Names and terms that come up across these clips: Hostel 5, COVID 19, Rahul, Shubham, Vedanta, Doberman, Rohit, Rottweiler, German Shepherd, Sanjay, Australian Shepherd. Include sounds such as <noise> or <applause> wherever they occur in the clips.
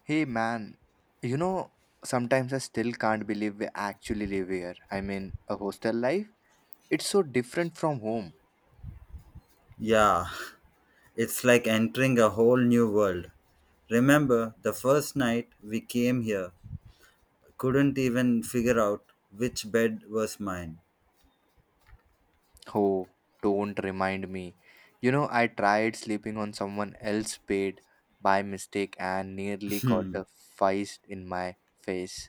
Hey man, you know, sometimes I still can't believe we actually live here. I mean, a hostel life, it's so different from home. Yeah, it's like entering a whole new world. Remember the first night we came here, couldn't even figure out which bed was mine. Oh, don't remind me. You know, I tried sleeping on someone else's bed by mistake and nearly got a feist in my face.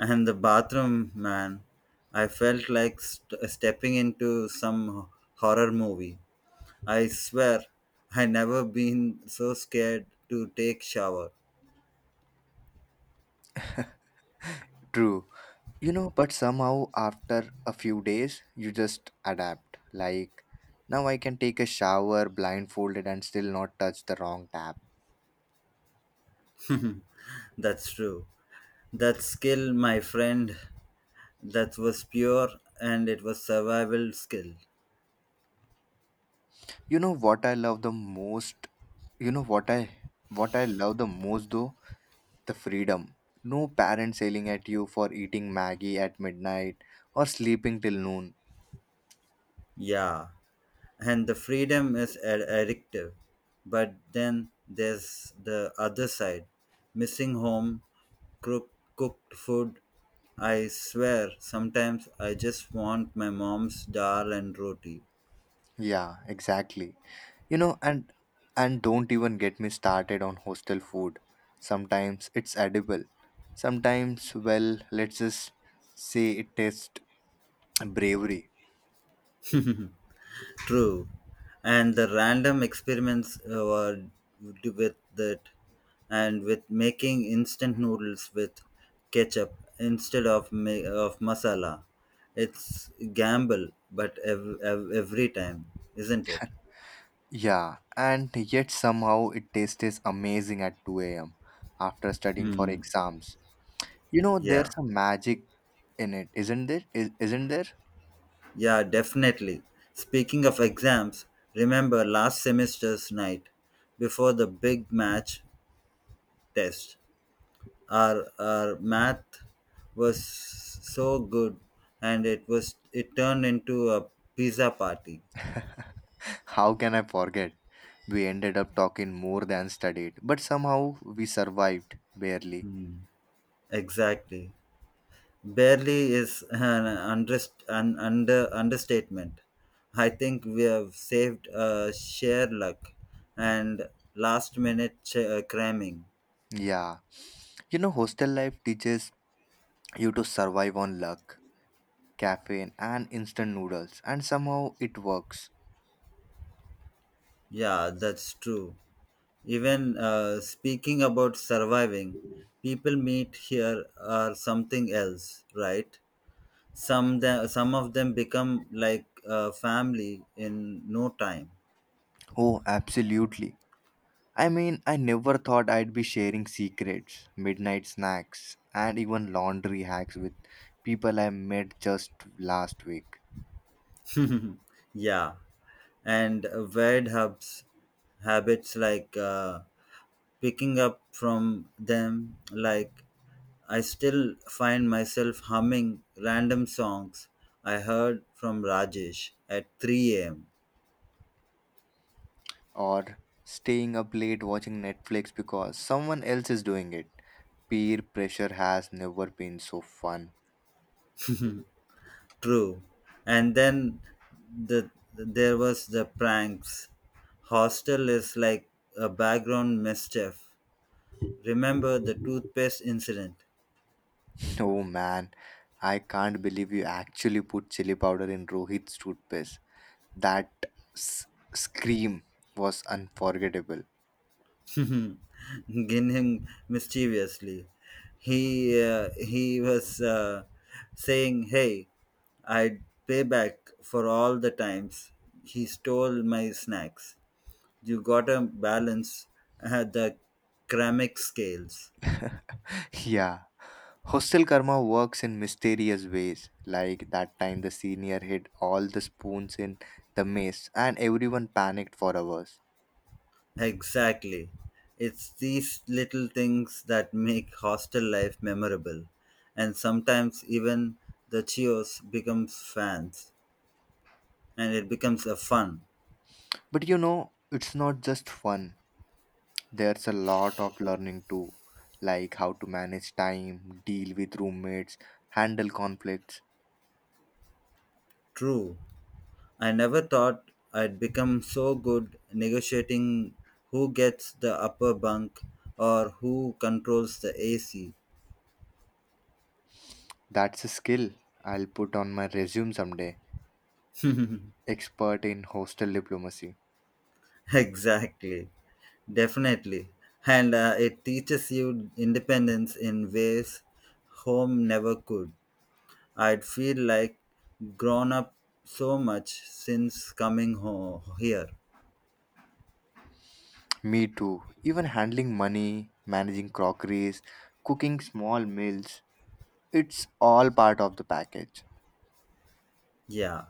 And the bathroom, man, I felt like stepping into some horror movie. I swear, I never been so scared to take shower. True. You know, but somehow after a few days, you just adapt. Like, now I can take a shower blindfolded and still not touch the wrong tap. That's true. That skill, my friend, that was pure and it was survival skill. You know what I love the most? You know what I what I love the most though? The freedom. No parents yelling at you for eating Maggie at midnight or sleeping till noon. Yeah. And the freedom is addictive, but then there's the other side, missing home cook- cooked food. I swear sometimes I just want my mom's dal and roti. Yeah, exactly. You know, and don't even get me started on hostel food. Sometimes it's edible. Sometimes, well, let's just say it tastes bravery. True. And the random experiments were with that, and with making instant noodles with ketchup instead of masala. It's gamble, but every time, isn't it? Yeah, and yet somehow it tastes amazing at 2 a.m. after studying for Hmm. exams. You know, there's Yeah. a magic in it, isn't there? Yeah, definitely. Speaking of exams, remember last semester's night before the big match test. Our math was so good, and it turned into a pizza party. <laughs> How can I forget? We ended up talking more than studied, but somehow we survived barely. Hmm. Exactly. Barely is an understatement. I think we have saved share luck and last minute cramming. Yeah. You know, hostel life teaches you to survive on luck, caffeine, and instant noodles, and somehow it works. Yeah, that's true. Even speaking about surviving, people meet here are something else, right? Some of them become like family in no time. Oh, absolutely. I mean, I never thought I'd be sharing secrets, midnight snacks, and even laundry hacks with people I met just last week. Yeah. And varied hubs habits, like picking up from them. Like I still find myself humming random songs I heard from Rajesh at 3 a.m. Or staying up late watching Netflix because someone else is doing it. Peer pressure has never been so fun. True. And then there was the pranks. Hostel is like a background mischief. Remember the toothpaste incident? <laughs> Oh man, I can't believe you actually put chili powder in Rohit's toothpaste. That s- scream was unforgettable. <laughs> Grinning mischievously, he was saying, "Hey, I'd pay back for all the times he stole my snacks. You gotta balance the ceramic scales." <laughs> Yeah. Hostel karma works in mysterious ways. Like that time the senior hid all the spoons in the mess and everyone panicked for hours. Exactly. It's these little things that make hostel life memorable, and sometimes even the Cheers becomes fans. And it becomes a fun. But you know, it's not just fun. There's a lot of learning too, like how to manage time, deal with roommates, handle conflicts. True. I never thought I'd become so good negotiating who gets the upper bunk or who controls the AC. That's a skill I'll put on my resume someday. Expert in hostel diplomacy. <laughs> Exactly. Definitely. And it teaches you independence in ways home never could. I'd feel like grown up so much since coming home here. Me too. Even handling money, managing crockeries, cooking small meals. It's all part of the package. Yeah.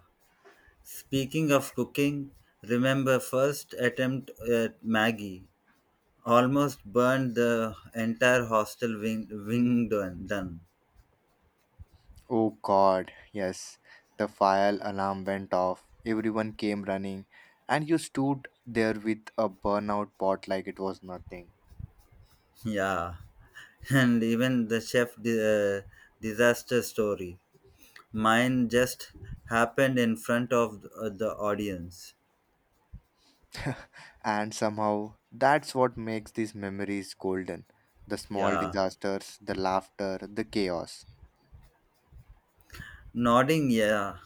Speaking of cooking, remember first attempt at Maggie almost burned the entire hostel wing done. Oh god, yes. The fire alarm went off. Everyone came running, and you stood there with a burnout pot like it was nothing. Yeah, <laughs> and even the chef disaster story. Mine just happened in front of the audience. And somehow, that's what makes these memories golden, the small Yeah, disasters, the laughter, the chaos. nodding. Yeah,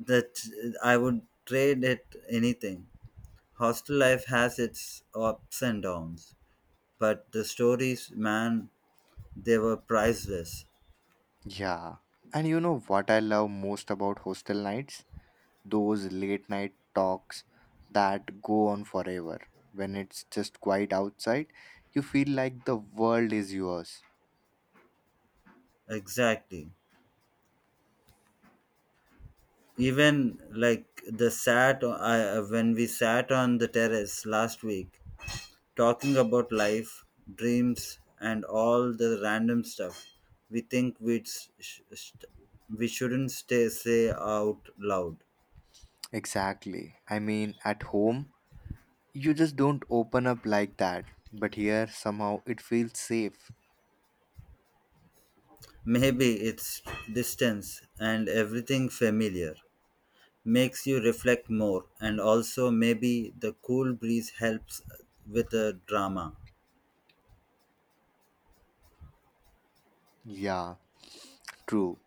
that I would trade it anything. Hostel life has its ups and downs, but the stories, man, they were priceless. Yeah. And you know what I love most about hostel nights? Those late night talks that go on forever. When it's just quiet outside, you feel like the world is yours. Exactly. Even like when we sat on the terrace last week talking about life, dreams, and all the random stuff we think we'd we shouldn't stay say out loud. Exactly. I mean, at home, you just don't open up like that. But here, somehow, it feels safe. Maybe it's distance, and everything familiar makes you reflect more, and also maybe the cool breeze helps with the drama. Yeah, true.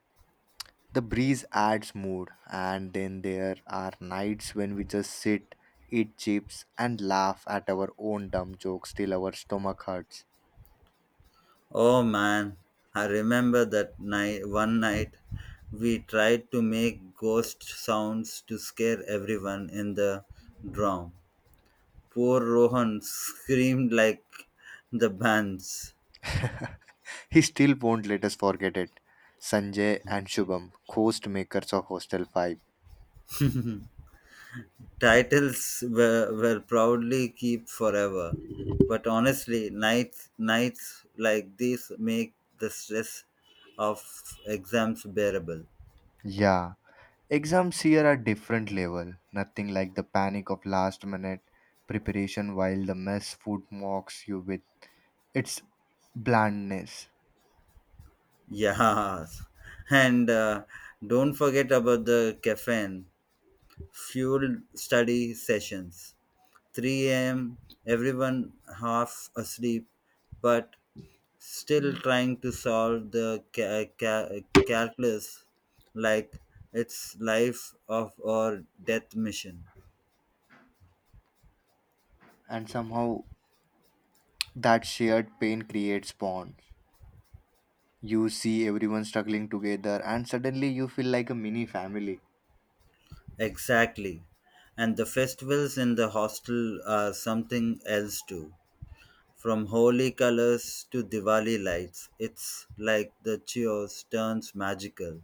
The breeze adds mood, and then there are nights when we just sit, eat chips, and laugh at our own dumb jokes till our stomach hurts. Oh man, I remember that night, one night we tried to make ghost sounds to scare everyone in the drum. Poor Rohan screamed like the bands. <laughs> He still won't let us forget it. Sanjay and Shubham, ghost makers of Hostel 5. Titles were proudly keep forever. But honestly, nights like these make the stress of exams bearable. <laughs> Yeah, exams here are different level. Nothing like the panic of last minute preparation while the mess food mocks you with its blandness. Yeah, and don't forget about the caffeine fueled study sessions. 3 a.m., everyone half asleep, but still trying to solve the calculus like it's life of or death mission. And somehow that shared pain creates bond. You see everyone struggling together, and suddenly you feel like a mini family. Exactly. And the festivals in the hostel are something else too. From holy colors to Diwali lights, it's like the chaos turns magical.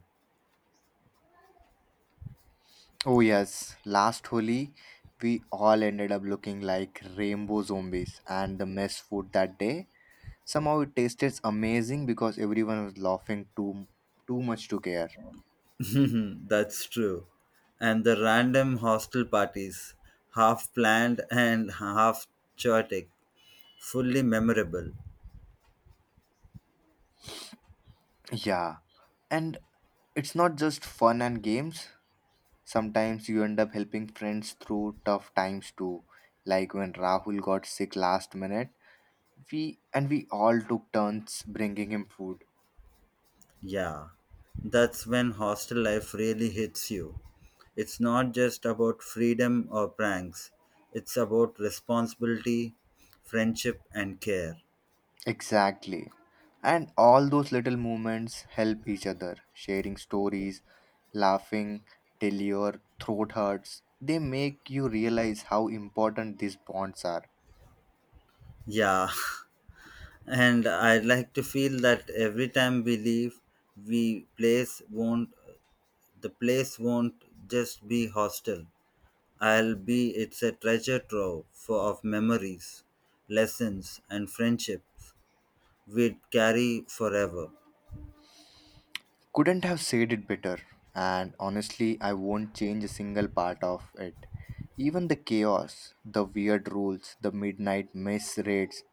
Oh, yes, last Holi, we all ended up looking like rainbow zombies, and the mess food that day, somehow it tasted amazing because everyone was laughing too much to care. <laughs> That's true. And the random hostel parties, half planned and half chaotic, fully memorable. Yeah, and it's not just fun and games. Sometimes you end up helping friends through tough times too. Like when Rahul got sick last minute, we all took turns bringing him food. Yeah, that's when hostel life really hits you. It's not just about freedom or pranks, it's about responsibility, friendship, and care. Exactly. And all those little moments, help each other, sharing stories, laughing till your throat hurts. They make you realize how important these bonds are. Yeah, <laughs> and I like to feel that every time we leave, we place won't the place won't just be hostel. I'll be it's a treasure trove for of memories, lessons, and friendships we'd carry forever. Couldn't have said it better. And honestly, I won't change a single part of it. Even the chaos, the weird rules, the midnight mess raids,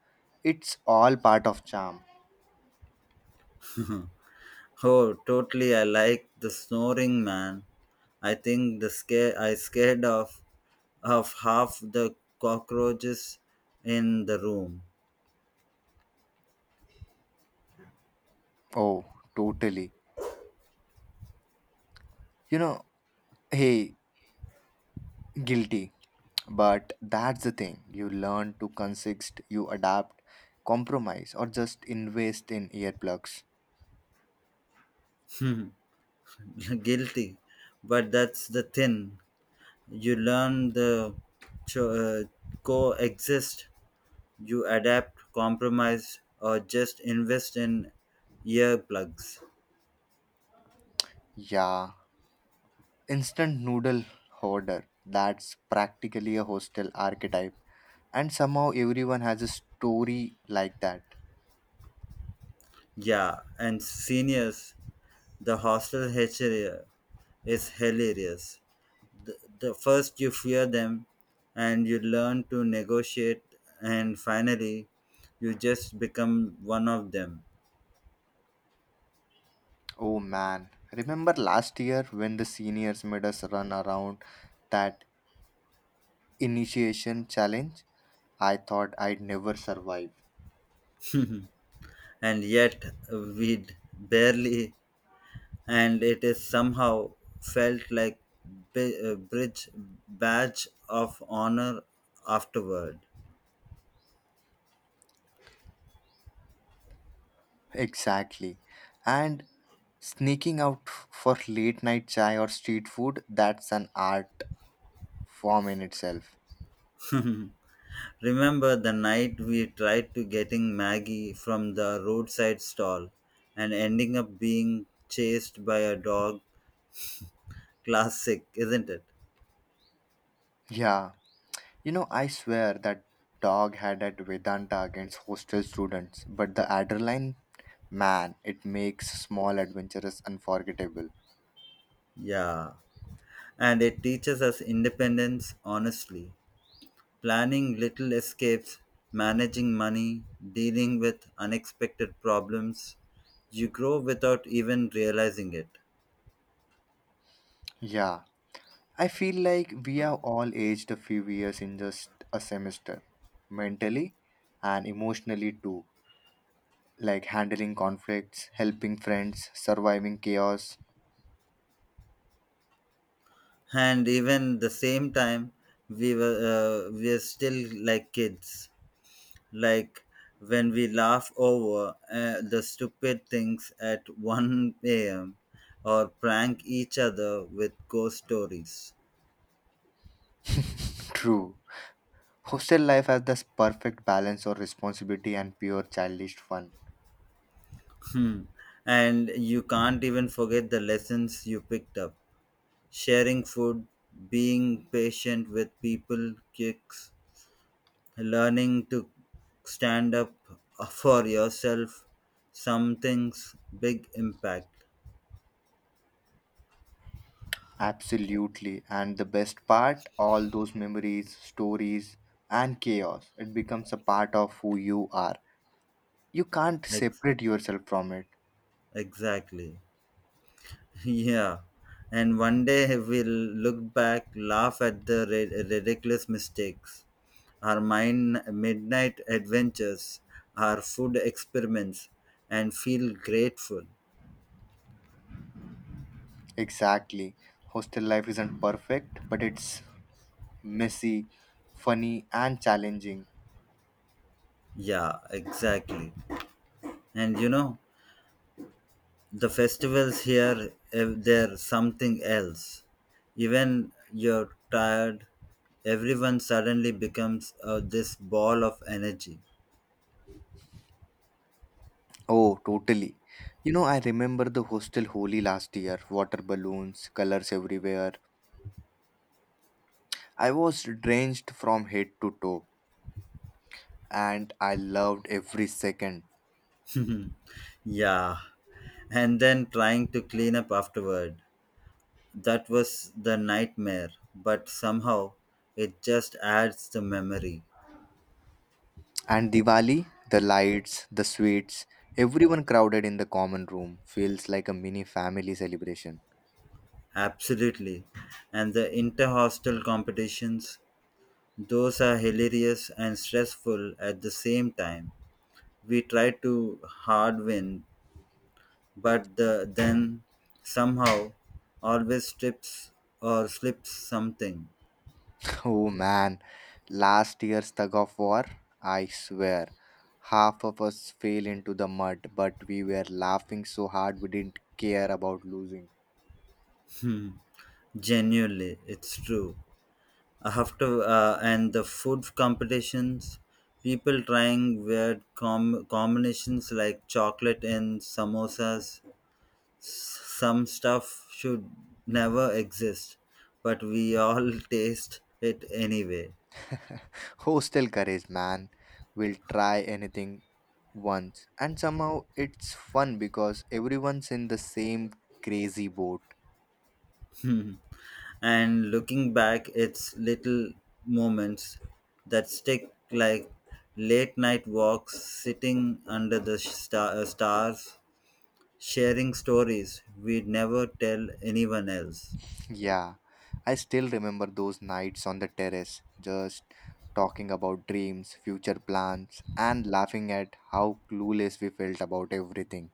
it's all part of charm. Oh, totally, I like the snoring man. I think the scared of half the cockroaches in the room. Oh, totally. You know, hey, guilty. But that's the thing. You learn to consist, you adapt, compromise, or just invest in earplugs. <laughs> Guilty. But that's the thing. You learn the cho- uh, coexist. You adapt, compromise, or just invest in earplugs. Yeah. Instant noodle hoarder. That's practically a hostel archetype. And somehow everyone has a story like that. Yeah, and seniors, the hostel HRA is hilarious. The first you fear them, and you learn to negotiate, and finally, you just become one of them. Oh man. Remember last year when the seniors made us run around that initiation challenge? I thought I'd never survive. And yet, we'd barely, and it is somehow felt like bi- bridge badge of honor afterward. Exactly. And sneaking out for late night chai or street food, that's an art form in itself. <laughs> Remember the night we tried to getting Maggie from the roadside stall and ending up being chased by a dog? Classic, isn't it? Yeah. You know, I swear that dog had at Vedanta against hostel students, but the adrenaline, man, it makes small adventures unforgettable. Yeah. And it teaches us independence honestly. Planning little escapes, managing money, dealing with unexpected problems. You grow without even realizing it. Yeah. I feel like we have all aged a few years in just a semester, mentally and emotionally too. Like handling conflicts, helping friends, surviving chaos. And even the same time, we are still like kids. Like when we laugh over the stupid things at 1 a.m., or prank each other with ghost stories. True. Hostel life has this perfect balance of responsibility and pure childish fun. Hmm. And you can't even forget the lessons you picked up. Sharing food, being patient with people, kicks, learning to stand up for yourself. Some things big impact. Absolutely. And the best part, all those memories, stories, and chaos, it becomes a part of who you are. You can't Ex- separate yourself from it. exactly. <laughs> Yeah. And one day we'll look back, laugh at the ridiculous mistakes, our mine midnight adventures, our food experiments, and feel grateful. Exactly. Hostel life isn't perfect, but it's messy, funny, and challenging. Yeah, exactly. And you know, the festivals here, if they're something else, even you're tired, everyone suddenly becomes this ball of energy. Oh, totally. You know, I remember the hostel holy last year, water balloons, colors everywhere. I was drenched from head to toe, and I loved every second. Yeah. And then trying to clean up afterward, that was the nightmare, but somehow it just adds the memory. And Diwali, the lights, the sweets, everyone crowded in the common room feels like a mini family celebration. Absolutely. And the inter-hostel competitions, those are hilarious and stressful at the same time. We try to hard win, but then somehow always strips or slips something. <laughs> Oh man, last year's tug of war, I swear, half of us fell into the mud, but we were laughing so hard we didn't care about losing. Hmm. Genuinely, it's true. After and the food competitions, people trying weird combinations like chocolate and samosas. Some stuff should never exist, but we all <laughs> taste it anyway. Hostel courage, man. Will try anything once. And somehow it's fun because everyone's in the same crazy boat. <laughs> <laughs> And looking back, it's little moments that stick, like late night walks sitting under the stars, sharing stories we'd never tell anyone else. Yeah, I still remember those nights on the terrace, just talking about dreams, future plans, and laughing at how clueless we felt about everything.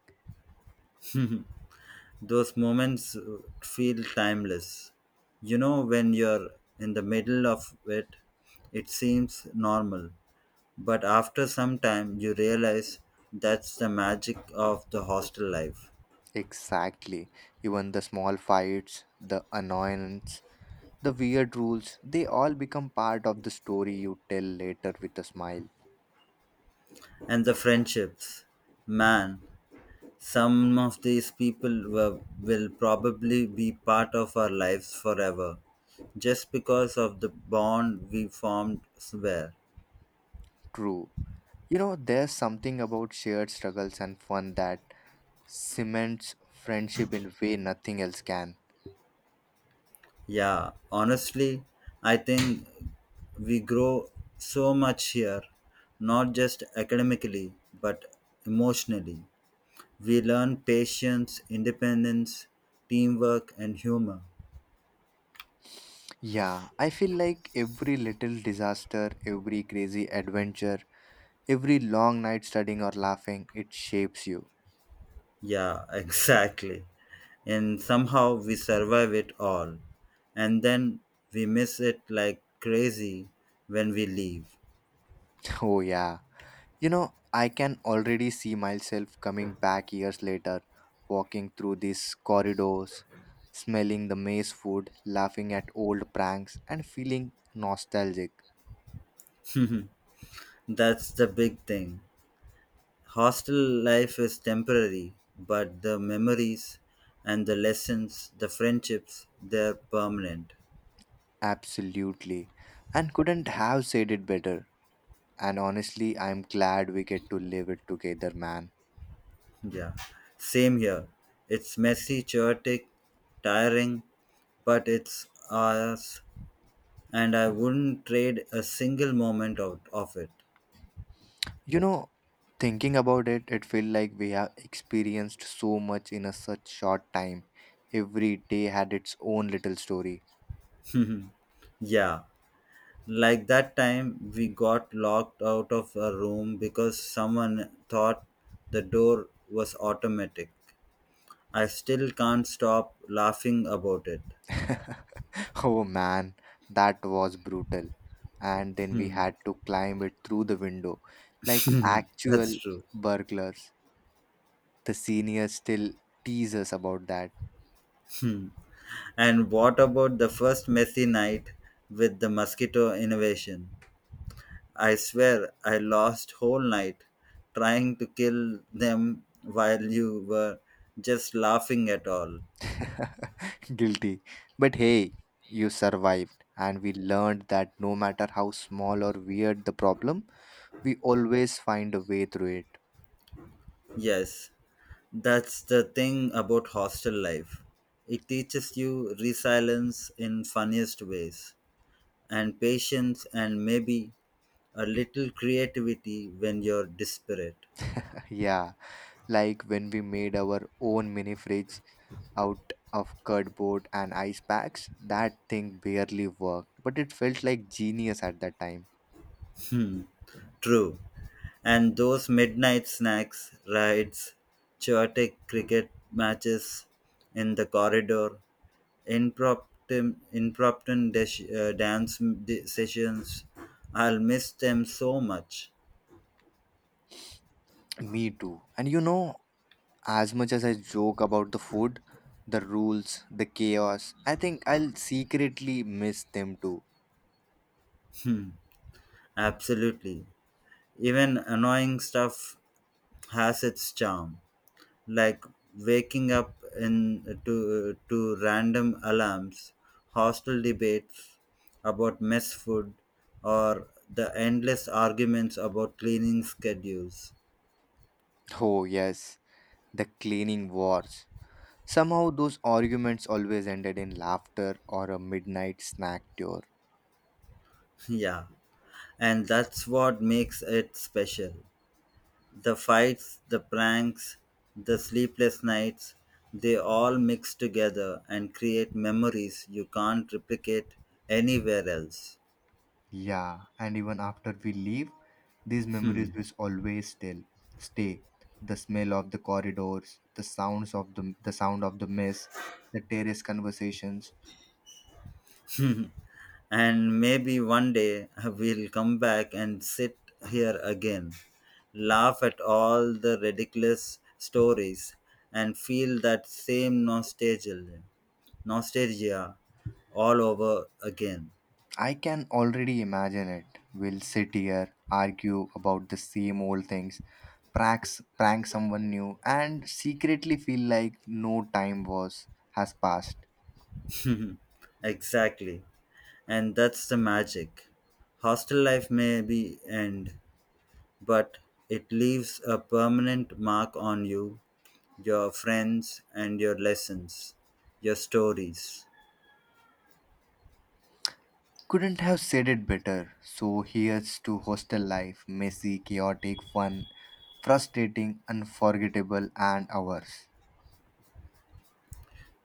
Those moments feel timeless. You know, when you're in the middle of it, it seems normal, but after some time you realize that's the magic of the hostel life. Exactly. Even the small fights, the annoyance, the weird rules, they all become part of the story you tell later with a smile. And the friendships. Man, some of these people were, will probably be part of our lives forever just because of the bond we formed somewhere. True. You know, there's something about shared struggles and fun that cements friendship in a way nothing else can. Yeah, honestly, I think we grow so much here, not just academically, but emotionally. We learn patience, independence, teamwork, and humor. Yeah, I feel like every little disaster, every crazy adventure, every long night studying or laughing, it shapes you. Yeah, <laughs> exactly. And somehow we survive it all. And then we miss it like crazy when we leave. <laughs> Oh, yeah. You know, I can already see myself coming back years later, walking through these corridors, smelling the maze food, laughing at old pranks, and feeling nostalgic. That's the big thing. Hostel life is temporary, but the memories and the lessons, the friendships, they're permanent. Absolutely. And couldn't have said it better. And honestly, I'm glad we get to live it together, man. Yeah, same here. It's messy, chaotic, tiring, but it's ours, and I wouldn't trade a single moment out of it. You know, thinking about it, it feels like we have experienced so much in a such short time. Every day had its own little story. <laughs> Yeah, like that time we got locked out of a room because someone thought the door was automatic. I still can't stop laughing about it. <laughs> Oh man, that was brutal. And then we Hmm, had to climb it through the window like that's actual true. burglars. The seniors still tease us about that. Hmm. And what about the first messy night with the mosquito invasion? I swear I lost whole night trying to kill them while you were just laughing at all. <laughs> Guilty. But hey, you survived, and we learned that no matter how small or weird the problem, we always find a way through it. Yes, that's the thing about hostel life. It teaches you resilience in funniest ways, and patience, and maybe a little creativity when you're desperate. <laughs> Yeah, like when we made our own mini fridge out of cardboard and ice packs, that thing barely worked, but it felt like genius at that time. True. And those midnight snacks, rides, chaotic cricket matches in the corridor, impromptu dance sessions. I'll miss them so much. Me too. And you know, as much as I joke about the food, the rules, the chaos, I think I'll secretly miss them too. Hmm, absolutely. Even annoying stuff has its charm, like waking up in to random alarms, hostile debates about mess food, or the endless arguments about cleaning schedules. Oh, yes. The cleaning wars. Somehow, those arguments always ended in laughter or a midnight snack tour. <laughs> Yeah, and that's what makes it special. The fights, the pranks, the sleepless nights, they all mix together and create memories you can't replicate anywhere else. Yeah, and even after we leave, these memories Hmm. will always still stay. The smell of the corridors, the sound of the mess, the terrace conversations. And maybe one day <laughs> we'll come back and sit here again, laugh at all the ridiculous stories, and feel that same nostalgia all over again. I can already imagine it. We'll sit here, argue about the same old things, pranks, prank someone new, and secretly feel like no time was has passed. Exactly. And that's the magic. Hostel life may be end, but it leaves a permanent mark on you, your friends, and your lessons, your stories. Couldn't have said it better. So here's to hostel life, messy, chaotic, fun, frustrating, unforgettable, and ours.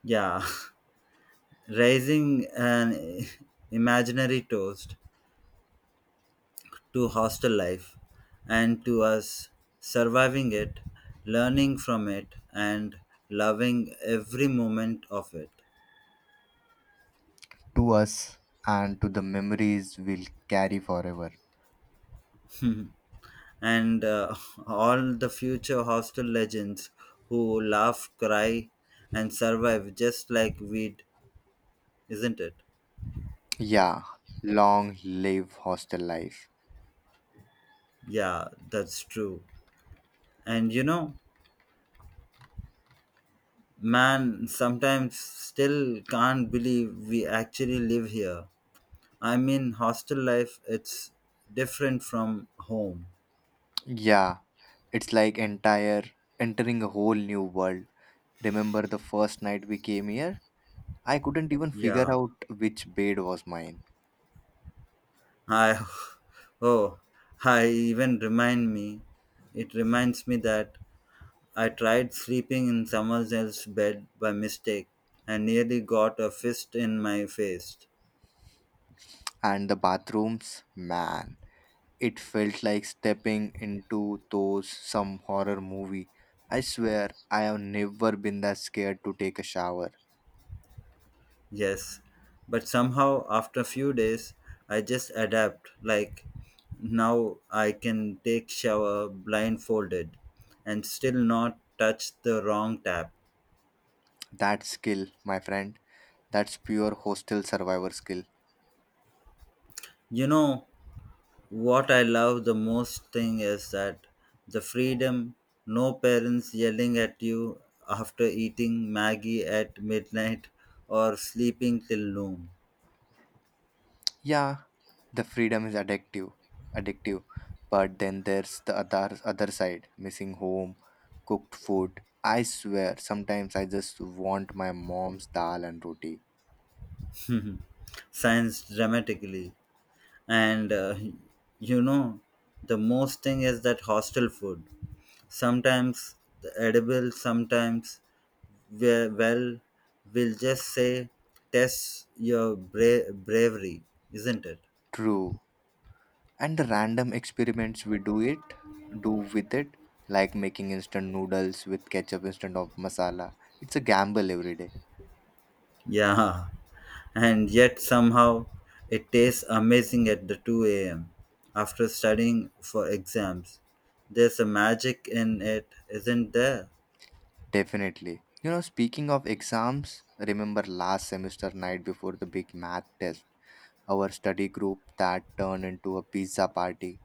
Yeah. <laughs> Raising an <laughs> imaginary toast to hostel life and to us surviving it, learning from it, and loving every moment of it. To us and to the memories we'll carry forever. And <laughs> all the future hostel legends who laugh, cry, and survive just like we'd, isn't it? Yeah, long live hostel life. Yeah, that's true. And you know, man, sometimes still can't believe we actually live here. I mean, hostel life, it's different from home. Yeah, it's like entire entering a whole new world. Remember the first night we came here? I couldn't even figure Yeah. out which bed was mine. I, <laughs> oh, I even remind me, it reminds me that I tried sleeping in someone else's bed by mistake and nearly got a fist in my face. And the bathrooms, man. It felt like stepping into those some horror movie. I swear I have never been that scared to take a shower. Yes. But somehow, after a few days, I just adapt. Like, now I can take shower blindfolded and still not touch the wrong tap. That skill, my friend, that's pure hostel survivor skill. You know, what I love the most thing is that the freedom, no parents yelling at you after eating Maggie at midnight or sleeping till Yeah, the freedom is addictive. But then there's the other side, missing home, cooked food. I swear, sometimes I just want my mom's dal and roti. noon. <laughs> Signs dramatically. And you know, the most thing is that hostel food. Sometimes the edible, sometimes well, we'll just say test your bravery, isn't it? True, and the random experiments we do with it, like making instant noodles with ketchup instead of masala. It's a gamble every day. Yeah, and yet somehow it tastes amazing at the 2 a.m. after studying for exams. There's a magic in it, isn't there? Definitely. You know, speaking of exams, remember last semester night before the big math test, our study group that turned into a pizza party.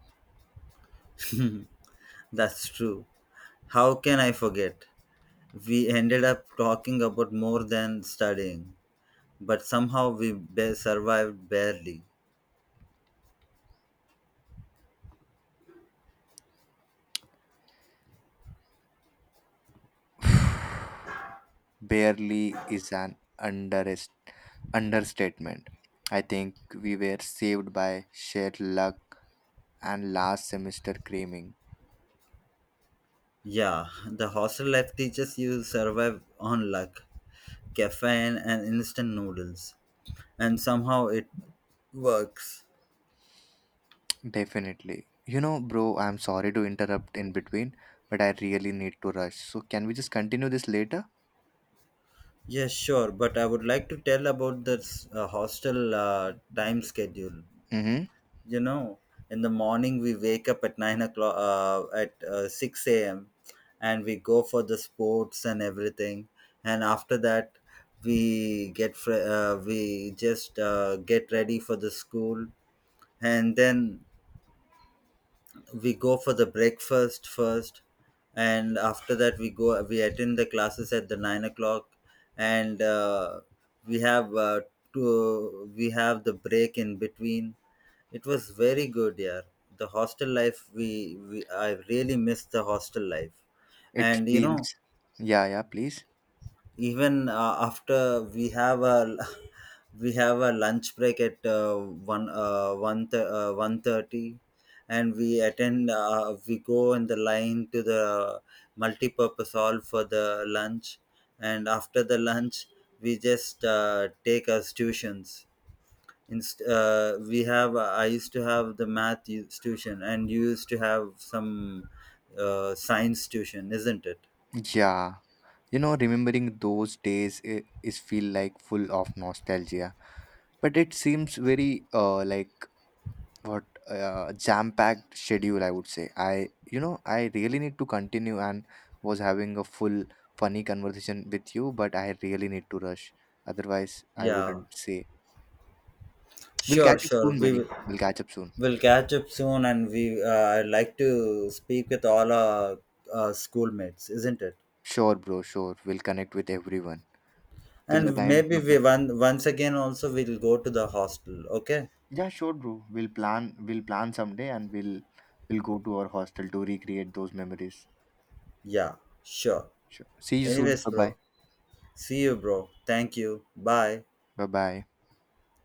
That's true. How can I forget? We ended up talking about more than studying, but somehow we survived barely. Barely is an underest understatement. I think we were saved by sheer luck and last semester craving. Yeah, the hostel life teaches you survive on luck, caffeine, and instant noodles, and somehow it works. Definitely. You know, bro, I'm sorry to interrupt in between, but I really need to rush. So can we just continue this later? Yes, sure, but I would like to tell about this hostel time schedule. Mm-hmm. You know, in the morning we wake up at nine o'clock at 6 a.m., and we go for the sports and everything, and after that we just get ready for the school, and then we go for the breakfast first, and after that we attend the classes at the 9 o'clock, and we have uh, we have the break in between. It was very good. Yeah, the hostel life, we I really miss the hostel life. It And you know, feels. Yeah, yeah, please. even after we have a <laughs> we have a lunch break at 1:30, and we go in the line to the multi-purpose hall for the lunch. And after the lunch, we just take our tuitions. Inst- we have I used to have the math tuition, and you used to have some science tuition, isn't it? Yeah. You know, remembering those days is feel like full of nostalgia, but it seems very like what jam-packed schedule I would say. I You know, I really need to continue and was having a full funny conversation with you, but I really need to rush. Otherwise, I Yeah, wouldn't say. We'll sure catch up sure soon, we buddy. will. We'll catch up soon. We'll catch up soon, and we I'd like to speak with all our schoolmates, isn't it? Sure, bro. Sure. We'll connect with everyone. Till the And time. maybe Bye-bye. we one once again, also we'll go to the hostel. Okay? Yeah, sure, bro. We'll plan. We'll plan someday, and we'll go to our hostel to recreate those memories. Yeah, sure. Sure. See you soon. Anyways, Bye bye. bro. See you, bro. Thank you. Bye. Bye bye.